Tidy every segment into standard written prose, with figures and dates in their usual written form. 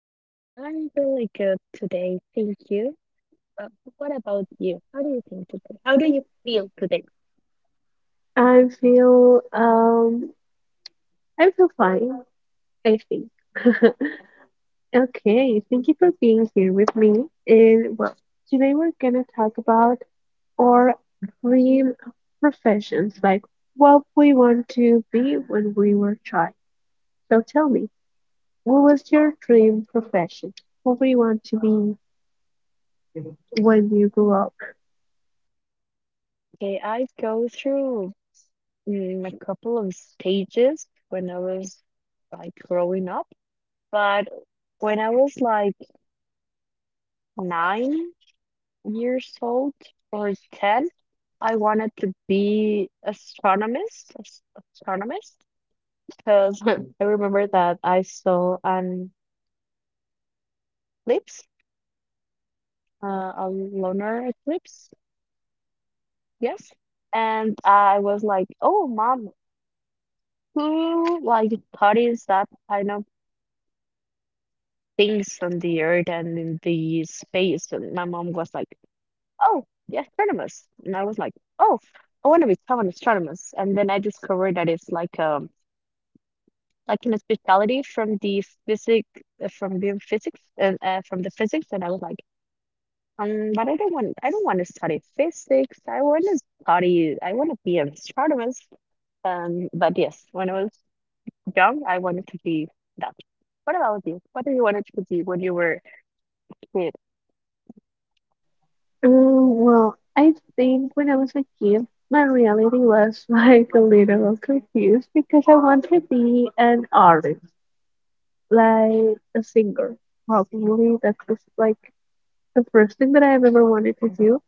understand that. I'm really good today. Thank you. But what about you? How do you think today? How do you feel today? I feel um I feel fine, I think. Okay, thank you for being here with me. And well, today we're gonna talk about our dream professions, like what we want to be when we were child. So tell me, what was your dream profession? What do you want to be when you grew up? Okay, I go through a couple of stages when I was like growing up, but when I was like 9 years old or 10, I wanted to be astronomist, because I remember that I saw an eclipse, a lunar eclipse. Yes. And I was like, oh, mom, who like studies that kind of things on the earth and in the space? And my mom was like, oh, the astronomers. And I was like, oh, I want to become an astronomer. And then I discovered that it's like in a specialty from the physic from the physics and from the physics. And I was like, but I don't want to study physics. I want to study. I want to be an astronomer. But yes, when I was young, I wanted to be that. What about you? What do you wanted to be when you were a kid? Well, I think when I was a kid, my reality was like a little confused because I wanted to be an artist, like a singer. Probably that was like the first thing that I've ever wanted to do.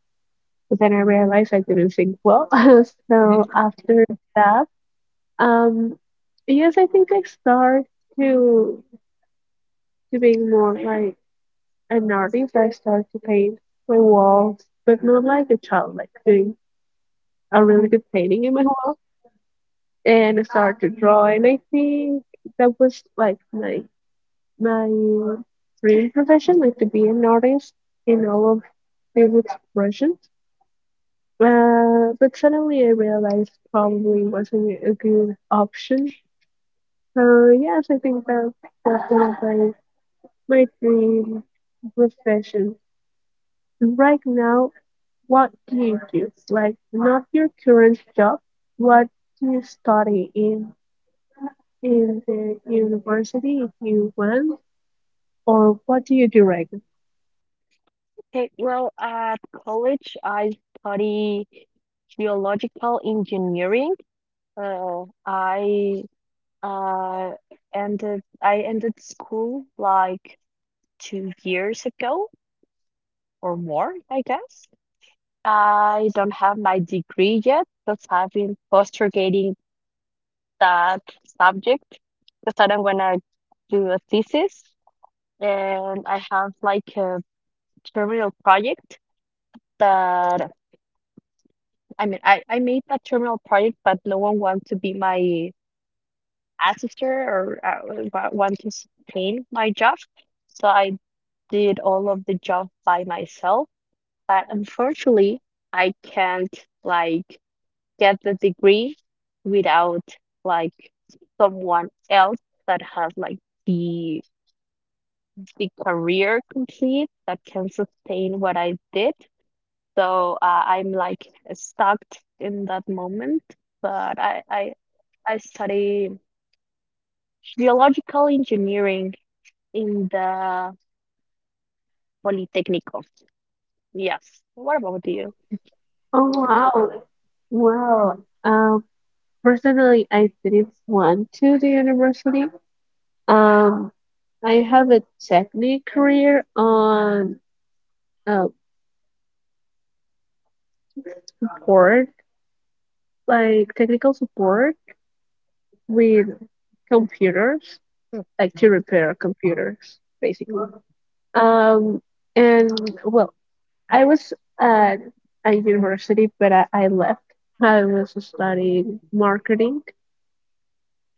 But then I realized I did not sing well. So Mhm, after that, um, yes, I think I start to to being more like an artist. I start to paint my walls, but not like a child, like doing a really mhm. good painting in my wall and I started to draw. And I think that was like my dream profession, like to be an artist in all of these expressions. But suddenly I realized probably wasn't a good option. So yes, I think that that's one of my dream profession. Right now, what do you do? Like not your current job. What do you study in? In the university if you want, or what do you do right now? Okay, well, at college, I study geological engineering. I uh, ended school like 2 years ago or more, I guess. I don't have my degree yet because I've been postulating that subject because I don't want to do a thesis. And I have like a terminal project that I made that terminal project, but no one wanted to be my assistant or want to sustain my job, so I did all of the job by myself, but unfortunately I can't like get the degree without like someone else that has like the the career complete that can sustain what I did. So I'm like stuck in that moment, but I study geological engineering in the Politecnico. Yes. What about you? Oh wow. Well, um, personally, I didn't want to the university. Um, I have a technical career on uh, support, like technical support with computers, Mm, like to repair computers, basically. mhm, Um, and well, I was at a university, but I left. I was studying marketing,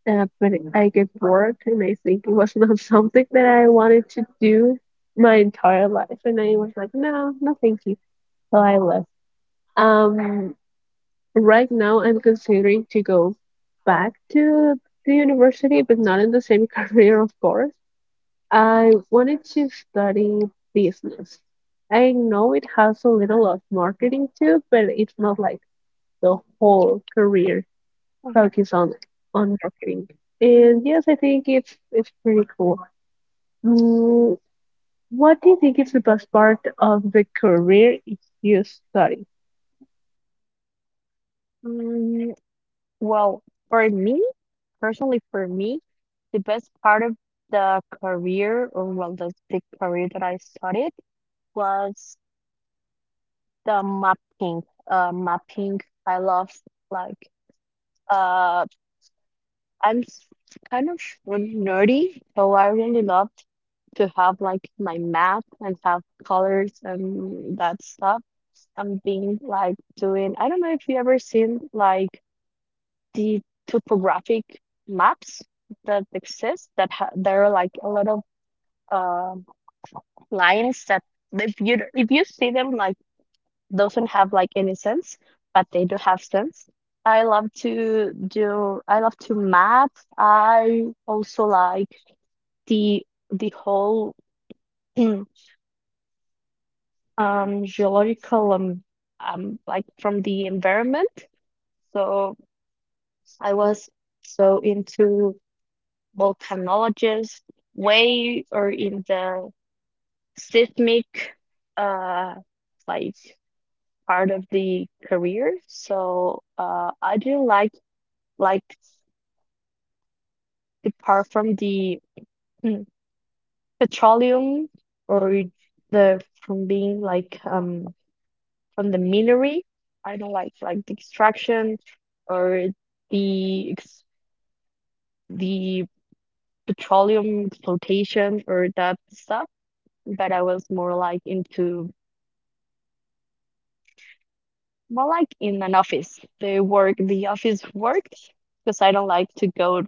but I get bored, and I think it was not something that I wanted to do my entire life. And I was like, no, no, thank you. So I left. Um, right now, I'm considering to go back to the university, but not in the same career, of course. I wanted to study business. I know it has a little of marketing too, but it's not like the whole career mhm. focus on marketing. And yes, I think it's pretty cool. Mm, what do you think is the best part of the career if you study? Mm, well, for me, personally, for me, the best part of the career, or well, the career that I studied was the mapping. Mapping. I love like uh I'm s- kind of food nerdy, so I really loved to have like my map and have colors and that stuff. I'm being like doing, I don't know if you ever seen like the topographic maps that exist that ha there are like a lot of um lines that if you see them like doesn't have like any sense, but they do have sense. I love to map. I also like the whole geological like from the environment, so I was so into volcanologist way or in the seismic uh like part of the career. So I do like the part from the mm, petroleum or the from being like from the minery. I don't like the extraction or the ex the petroleum exploitation or that stuff. But I was more like into more like in an office, the work, the office work, because I don't like to go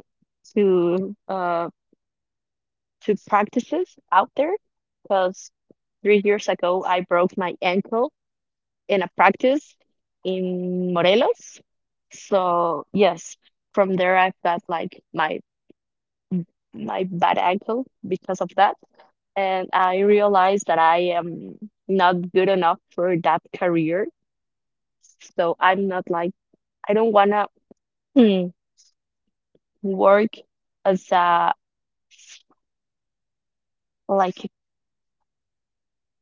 to uh to practices out there because 3 years ago I broke my ankle in a practice in Morelos. So yes, from there I've got like my bad ankle because of that. And I realized that I am not good enough for that career. So I'm not like I don't wanna mm, work as a like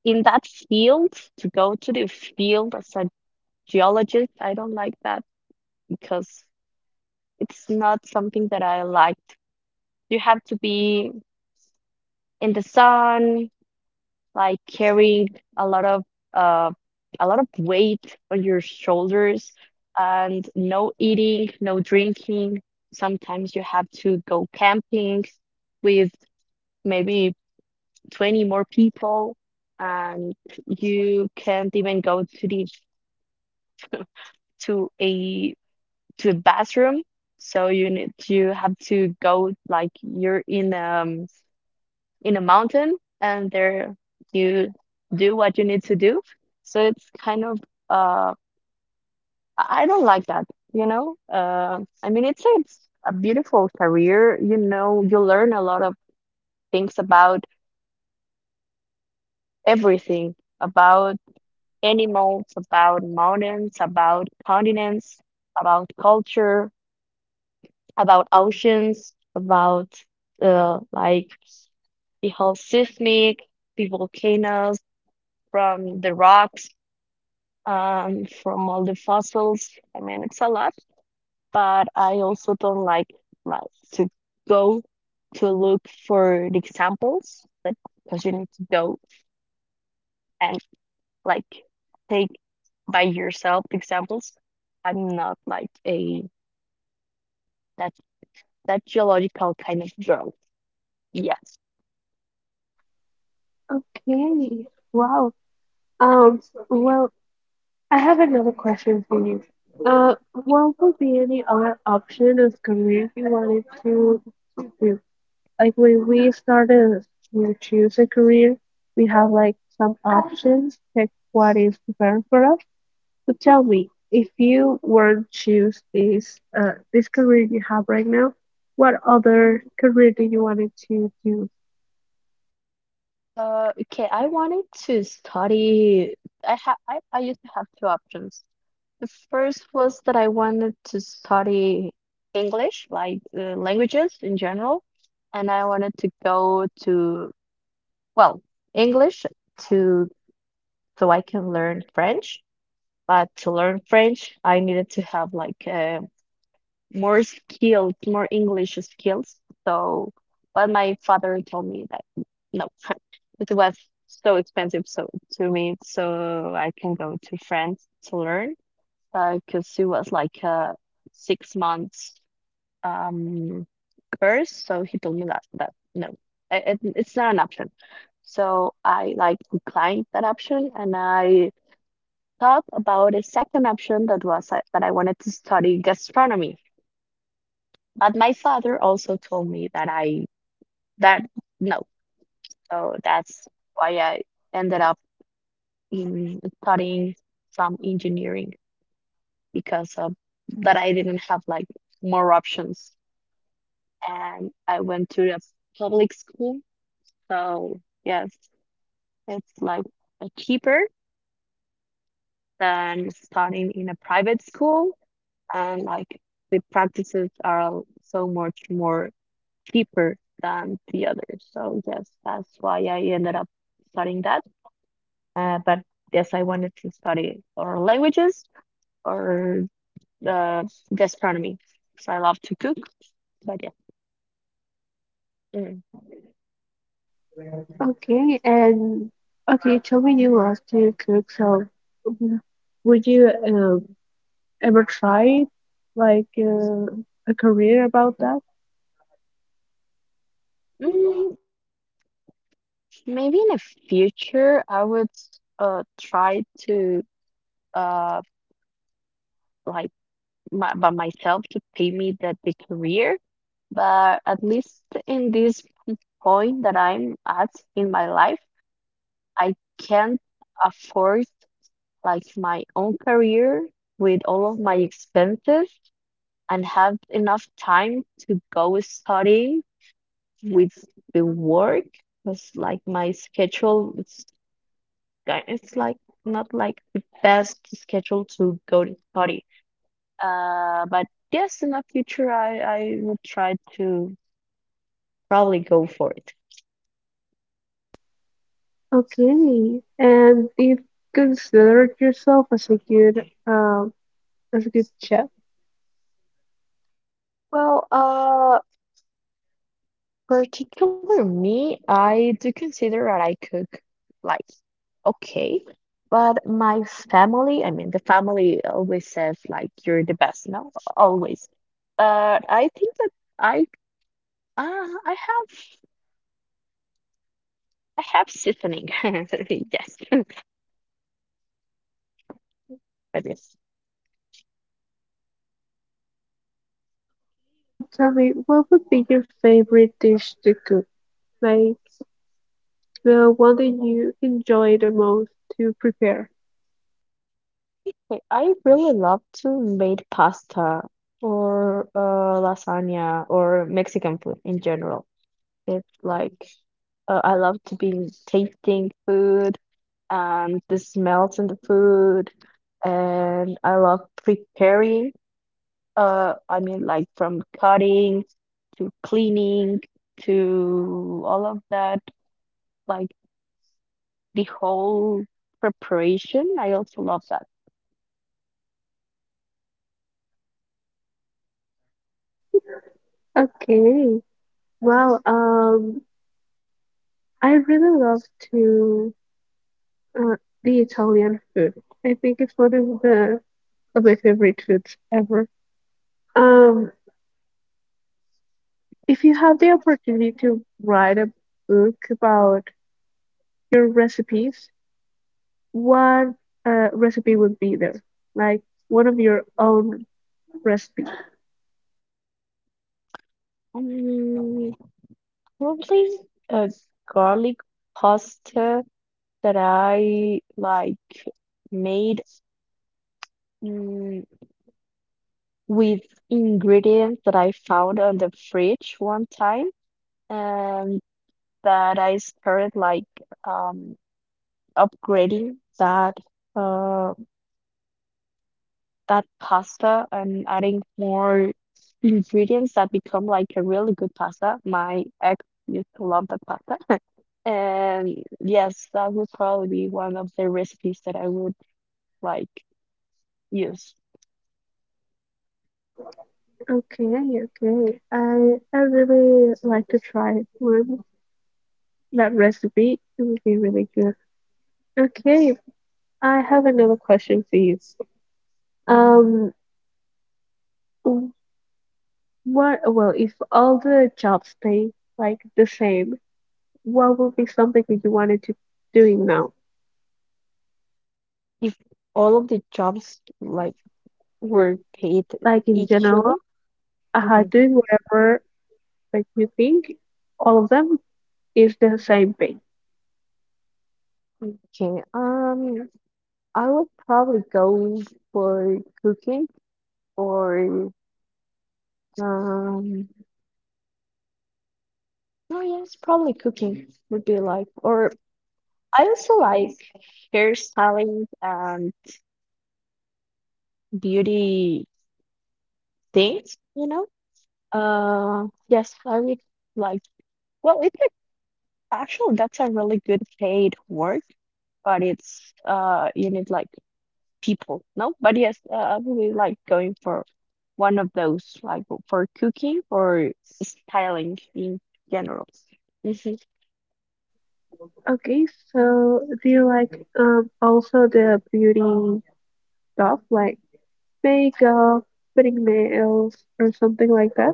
in that field to go to the field as a geologist. I don't like that because it's not something that I liked. You have to be in the sun, like carrying a lot of uh, a lot of weight on your shoulders, and no eating, no drinking. Sometimes you have to go camping with maybe 20 more people, and you can't even go to the to a to a bathroom. So you have to go like you're in a mountain, and there you do what you need to do. So it's kind of uh I don't like that, you know? I mean it's a beautiful career, you know, you learn a lot of things about everything, about animals, about mountains, about continents, about culture, about oceans, about like the whole seismic, the volcanoes from the rocks, from all the fossils. I mean, it's a lot, but I also don't like to go to look for the examples, but because you need to go and like take by yourself examples. I'm not like a that that geological kind of girl. Yes. Okay. Wow. Um, well, I have another question for you. What would be any other option of career you wanted to do? Like when we started to choose a career, we have like some options, check what is better for us. So tell me, if you were to choose this this career you have right now, what other career do you wanted to do? Okay, I wanted to study. I used to have two options. The first was that I wanted to study English, like languages in general, and I wanted to go to, well, English to so I can learn French. But to learn French, I needed to have like a more skills, more English skills. So, but my father told me that no, it was so expensive so to me, so I can go to France to learn. Because it was like a 6 months um course, so he told me that no, it's not an option. So I like declined that option, and I thought about a second option that was that I wanted to study gastronomy, but my father also told me that I that no, so that's why I ended up in studying some engineering because of that I didn't have like more options, and I went to a public school. So yes, it's like cheaper than studying in a private school, and like the practices are so much more cheaper than the others. So yes, that's why I ended up studying that. But yes, I wanted to study or languages or uh, gastronomy. So I love to cook. But yeah, mm. Okay, and okay, you told me you love to cook, so w- would you ever try like a career about that? Mm, maybe in the future I would try to uh like by myself to pay me the career. But at least in this point that I'm at in my life, I can't afford like my own career with all of my expenses and have enough time to go study with the work because like my schedule it's like not like the best schedule to go to study. But yes, in the future I will try to probably go for it. Okay, and you considered yourself as a good chef. Well, particular me, I do consider that I cook. Like. Okay. But my family, I mean, the family always says like you're the best, no? Always. But I think that I uh, I have I have seasoning. Yes. I do. Okay, and tell me, what would be your favorite dish to cook? Like the one that you enjoy the most to prepare. Wait, I really love to make pasta or lasagna or Mexican food in general. It's like. I love to be tasting food and the smells in the food, and I love preparing. I mean, like from cutting to cleaning to all of that, like the whole preparation. I also love that. Okay, well, I really love to uh, the Italian food. I think it's one of the of my favorite foods ever. Um, if you have the opportunity to write a book about your recipes, what recipe would be there? Like one of your own recipes. Um, probably a garlic pasta that I like made. Mm, with ingredients that I found on the fridge one time and that I started like um upgrading uh that pasta and adding more ingredients that become like a really good pasta. My ex used to love that pasta. And yes, that would probably be one of the recipes that I would like use. Okay, okay. I really like to try one that recipe. It would be really good. Okay, I have another question for you. Um, w- what? Well, if all the jobs pay like the same, what would be something that you wanted to doing now? If all of the jobs like were paid Like in equally. general, Mhm. doing whatever like you think all of them is the same thing. Okay, I would probably go for cooking or um, no, yes, probably cooking would be like, or I also like hairstyling and beauty things, you know? Yes, I would like, well, it's like, actually, that's a really good paid work, but it's, you need like people. No, but yes, I really like going for one of those, like for cooking or styling in general. Hmm. Okay, so do you like also the beauty stuff like makeup, putting nails, or something like that?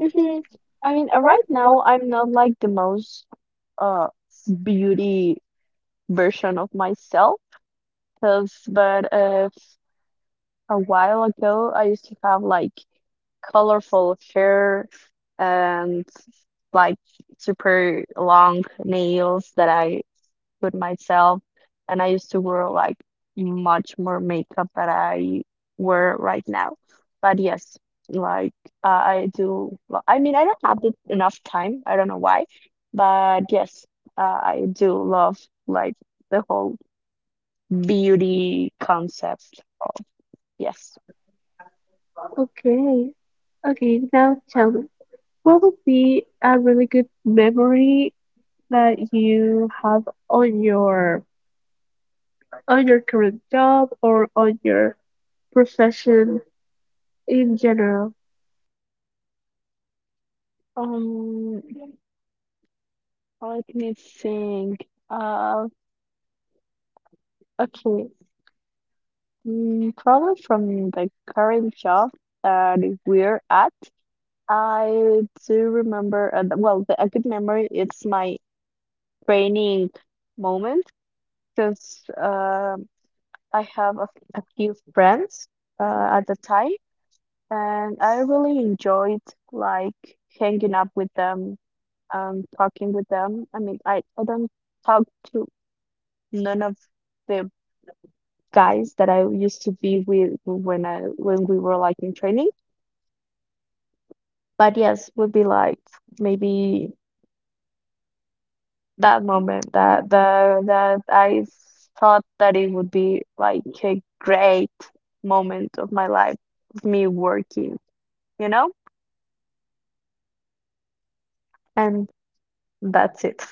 Hmm. I mean, right now I'm not like the most uh beauty version of myself, 'cause- but a while ago I used to have like colorful hair and like super long nails that I with myself. And I used to wear like much more makeup that I wear right now. But yes, like I do. Well, I mean, I don't have enough time. I don't know why, but yes, I do love like the whole beauty concept. Yes. Okay, okay. Now tell me, what would be a really good memory that you have on your on your current job or on your profession in general? Um, let me think. Okay. Mm, probably from the current job that we're at. I do remember, well, a good memory, it's my training moment because I have a, a few friends at the time, and I really enjoyed like hanging up with them, talking with them. I mean, I don't talk to none of the guys that I used to be with when we were like in training, but yes, would be like maybe. That moment that the that I s- thought that it would be like a great moment of my life of me working, you know? And that's it.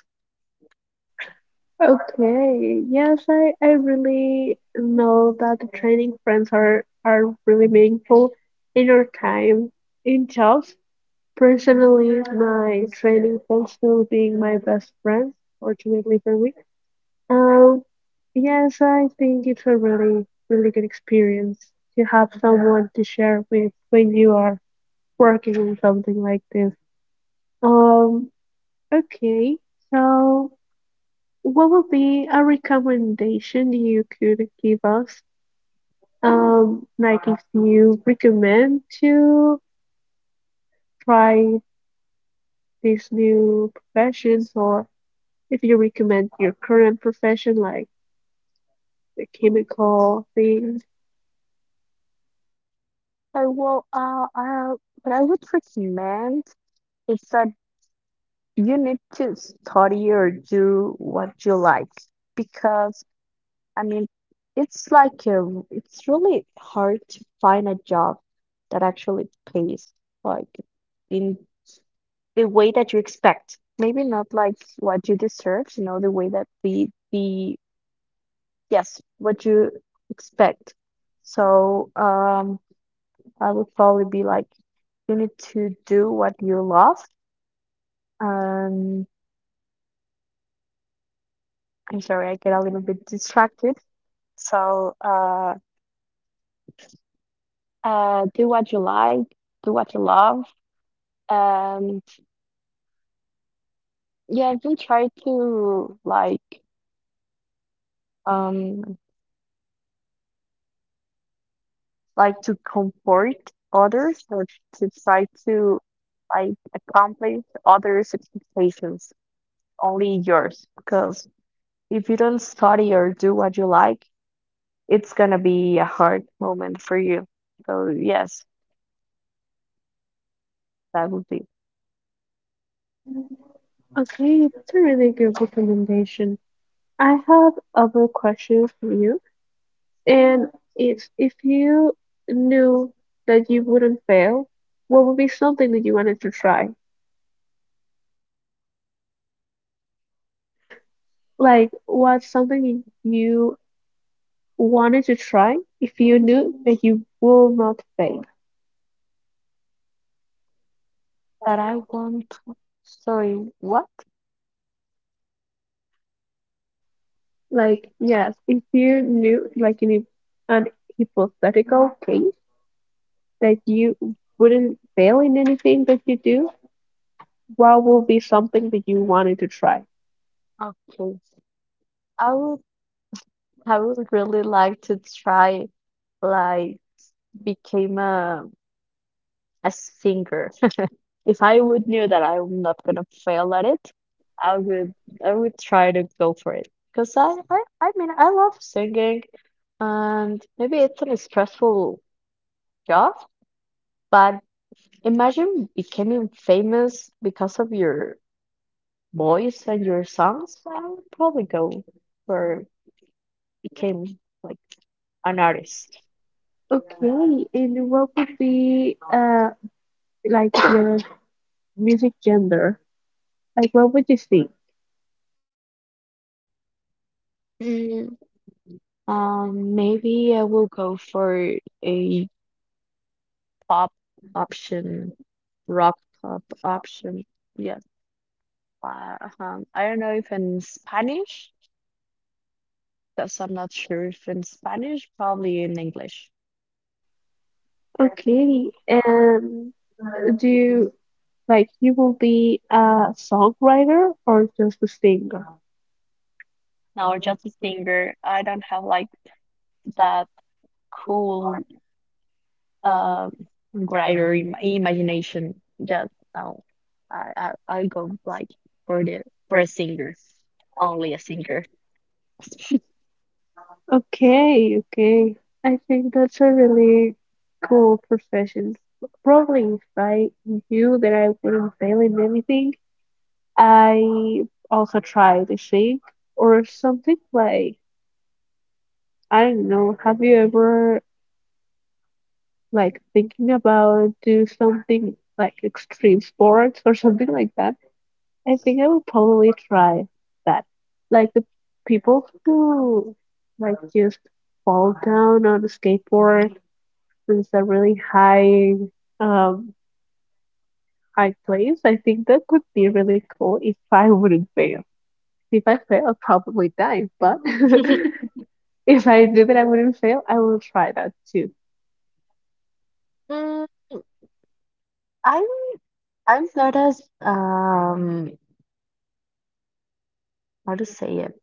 Okay. Yes, I really know that the training friends are really meaningful in your time in jobs. Personally, my training friends still being my best friends, fortunately for me. Um, yes, I think it's a really, really good experience to have someone to share with when you are working on something like this. Um, okay. So what would be a recommendation you could give us? Like if you recommend to try these new professions, or if you recommend your current profession, like the chemical thing. I will what I would recommend is that you need to study or do what you like because I mean it's really hard to find a job that actually pays like in the way that you expect. Maybe not like what you deserve, the way that we the yes, what you expect. So I would probably be like you need to do what you love. Um I'm sorry, I get a little bit distracted. So do what you like, do what you love. And yeah, don't try to um like to comfort others or to try to like accomplish others' expectations, only yours. Because if you don't study or do what you like, it's gonna be a hard moment for you. So yes, that would be Okay, that's a really good recommendation. I have other questions for you, and it's if you knew that you wouldn't fail, what would be something that you wanted to try? Like, what's something you wanted to try if you knew that you will not fail. that I want. Sorry, what? Like, yes, if you knew, like in an hypothetical case, that you wouldn't fail in anything that you do, what will be something that you wanted to try? Okay, I would I would really like to try like became a singer. If I would knew that I'm not gonna fail at it, I would I would try to go for it. Because I love singing and maybe it's a stressful job, but imagine becoming famous because of your voice and your songs. I would probably go for became like an artist. Okay, and what would be like your music gender? Like, what would you sing? Mm, Maybe I will go for a pop option, rock pop option. Yeah, I don't know if in Spanish, because I'm not sure if in Spanish, probably in English. Okay, and do you like you will be a songwriter or just a singer? Now, just a singer, I don't have like that cool um grinder im imagination. Just now, I, I I go like for the for a singer, only a singer. Okay, okay. I think that's a really cool profession. Probably if I knew that I wouldn't fail in anything, I also try to sing or something like I don't know. Have you ever like thinking about do something like extreme sports or something like that? I think I would probably try that. Like the people who like just fall down on a skateboard is a really high um high place, I think that would be really cool if I wouldn't fail. If I fail, I'll probably die, but if I do that I wouldn't fail, I will try that too. Mm, I I've noticed how to say it.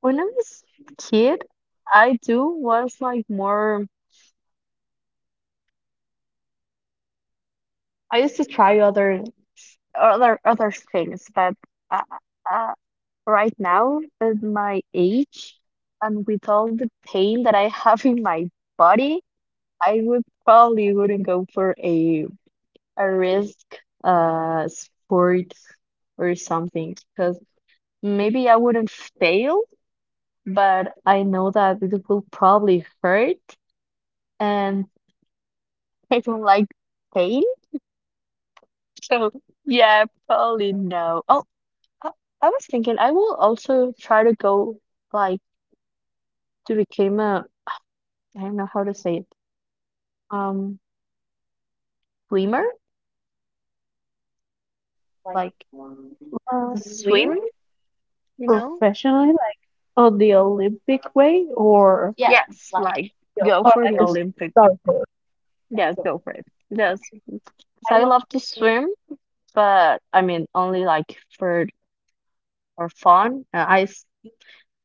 When I was a kid, I do was like more. I used to try other things, but uh, uh, right now, with my age and with all the pain that I have in my body, I would probably wouldn't go for a risk sport or something because maybe I wouldn't fail, but I know that it will probably hurt and I don't like pain. So yeah, probably no. Oh, I, I was thinking I will also try to go like to become a I don't know how to say it. Um, swimmer, like Well, you swim, you know? professionally, like on the Olympic way or yeah, Yes, like go or for the like a Olympic. surfer? Yes, go for it. Yes, Okay. 'cause I love to swim, but I mean only like for fun.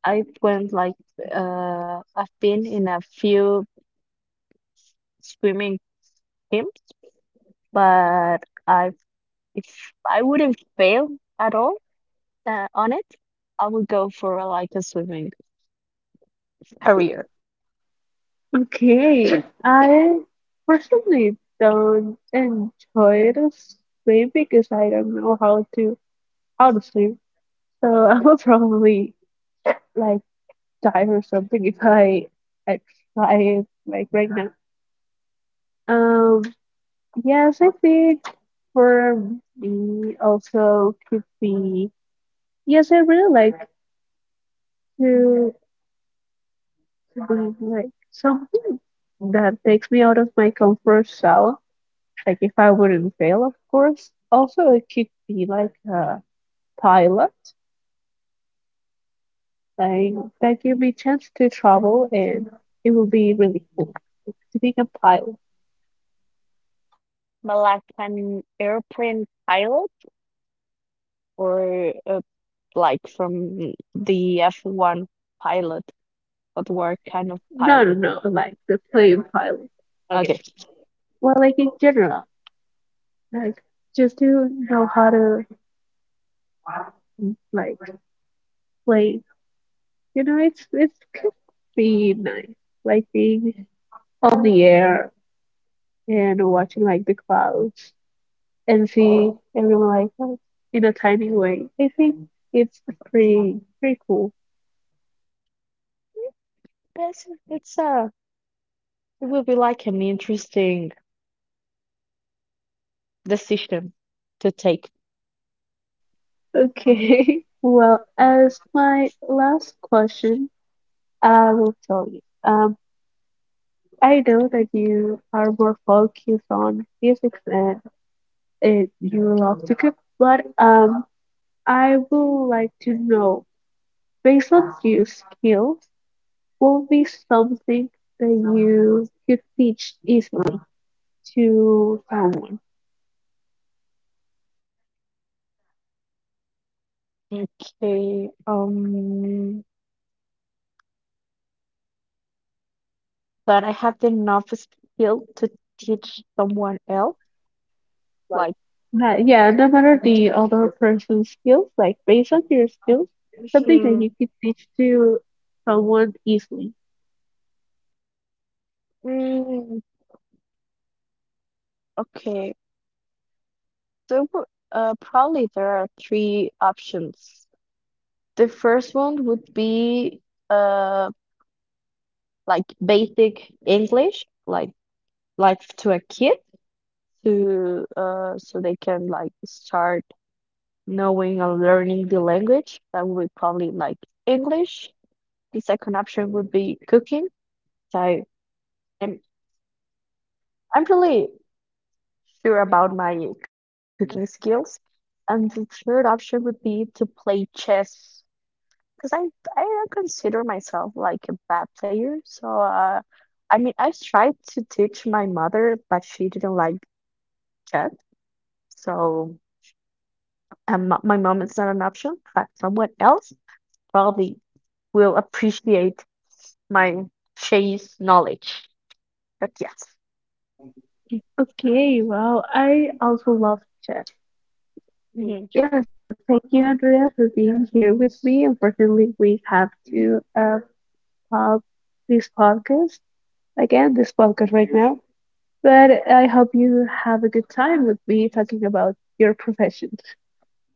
I went like I've been in a few swimming teams. But I, if I wouldn't fail at all on it, I would go for like a swimming career, Okay. I personally don't enjoy to swim because I don't know how to swim. So I will probably like die or something if I try it like right now. Um, yes, I think for me also could be yes, I really like to do like something that takes me out of my comfort zone. Like if I wouldn't fail, of course. Also, it could be like a pilot, like that give me chance to travel and it will be really cool to be a pilot. but like an airplane pilot or like from the F1 pilot, but what kind of No, pilot? no, no. Like the plane pilot. Okay, Well, like in general, like just to know how to like play. You know, it's could be nice. Like being on the air and watching like the clouds and see everyone like that in a tiny way. I think it's pretty pretty cool. yes, it's it will be like an interesting decision to take. Okay. Well, as my last question, I will tell you. I know that you are more focused on physics and you love to cook, but I would like to know, based on your skills, what would be something that you could teach easily to someone? Okay, um. But I have the enough skill to teach someone else. Like, Yeah, no matter the other person's skills, like based on your skills, something that hmm, you could teach to someone easily. mm, okay. So probably there are three options. The first one would be uh like basic English, like to a kid, to so they can like start knowing and learning the language. That would be probably like English. The second option would be cooking. So am I'm really sure about my cooking skills. And the third option would be to play chess because I don't consider myself like a bad player. So I mean, I tried to teach my mother, but she didn't like chess. So my mom is not an option, but someone else probably will appreciate my chess knowledge. But yes, Okay, well, I also love chess. hmm Yes, so thank you, Andrea, for being here with me. Unfortunately, we have to pause this podcast again, this podcast right now. But I hope you have a good time with me talking about your profession.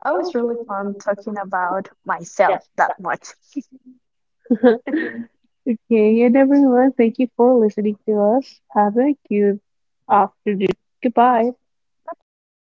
I was really fun talking about myself that much. Okay, and everyone, thank you for listening to us. Have a good afternoon. Goodbye. Bye bye.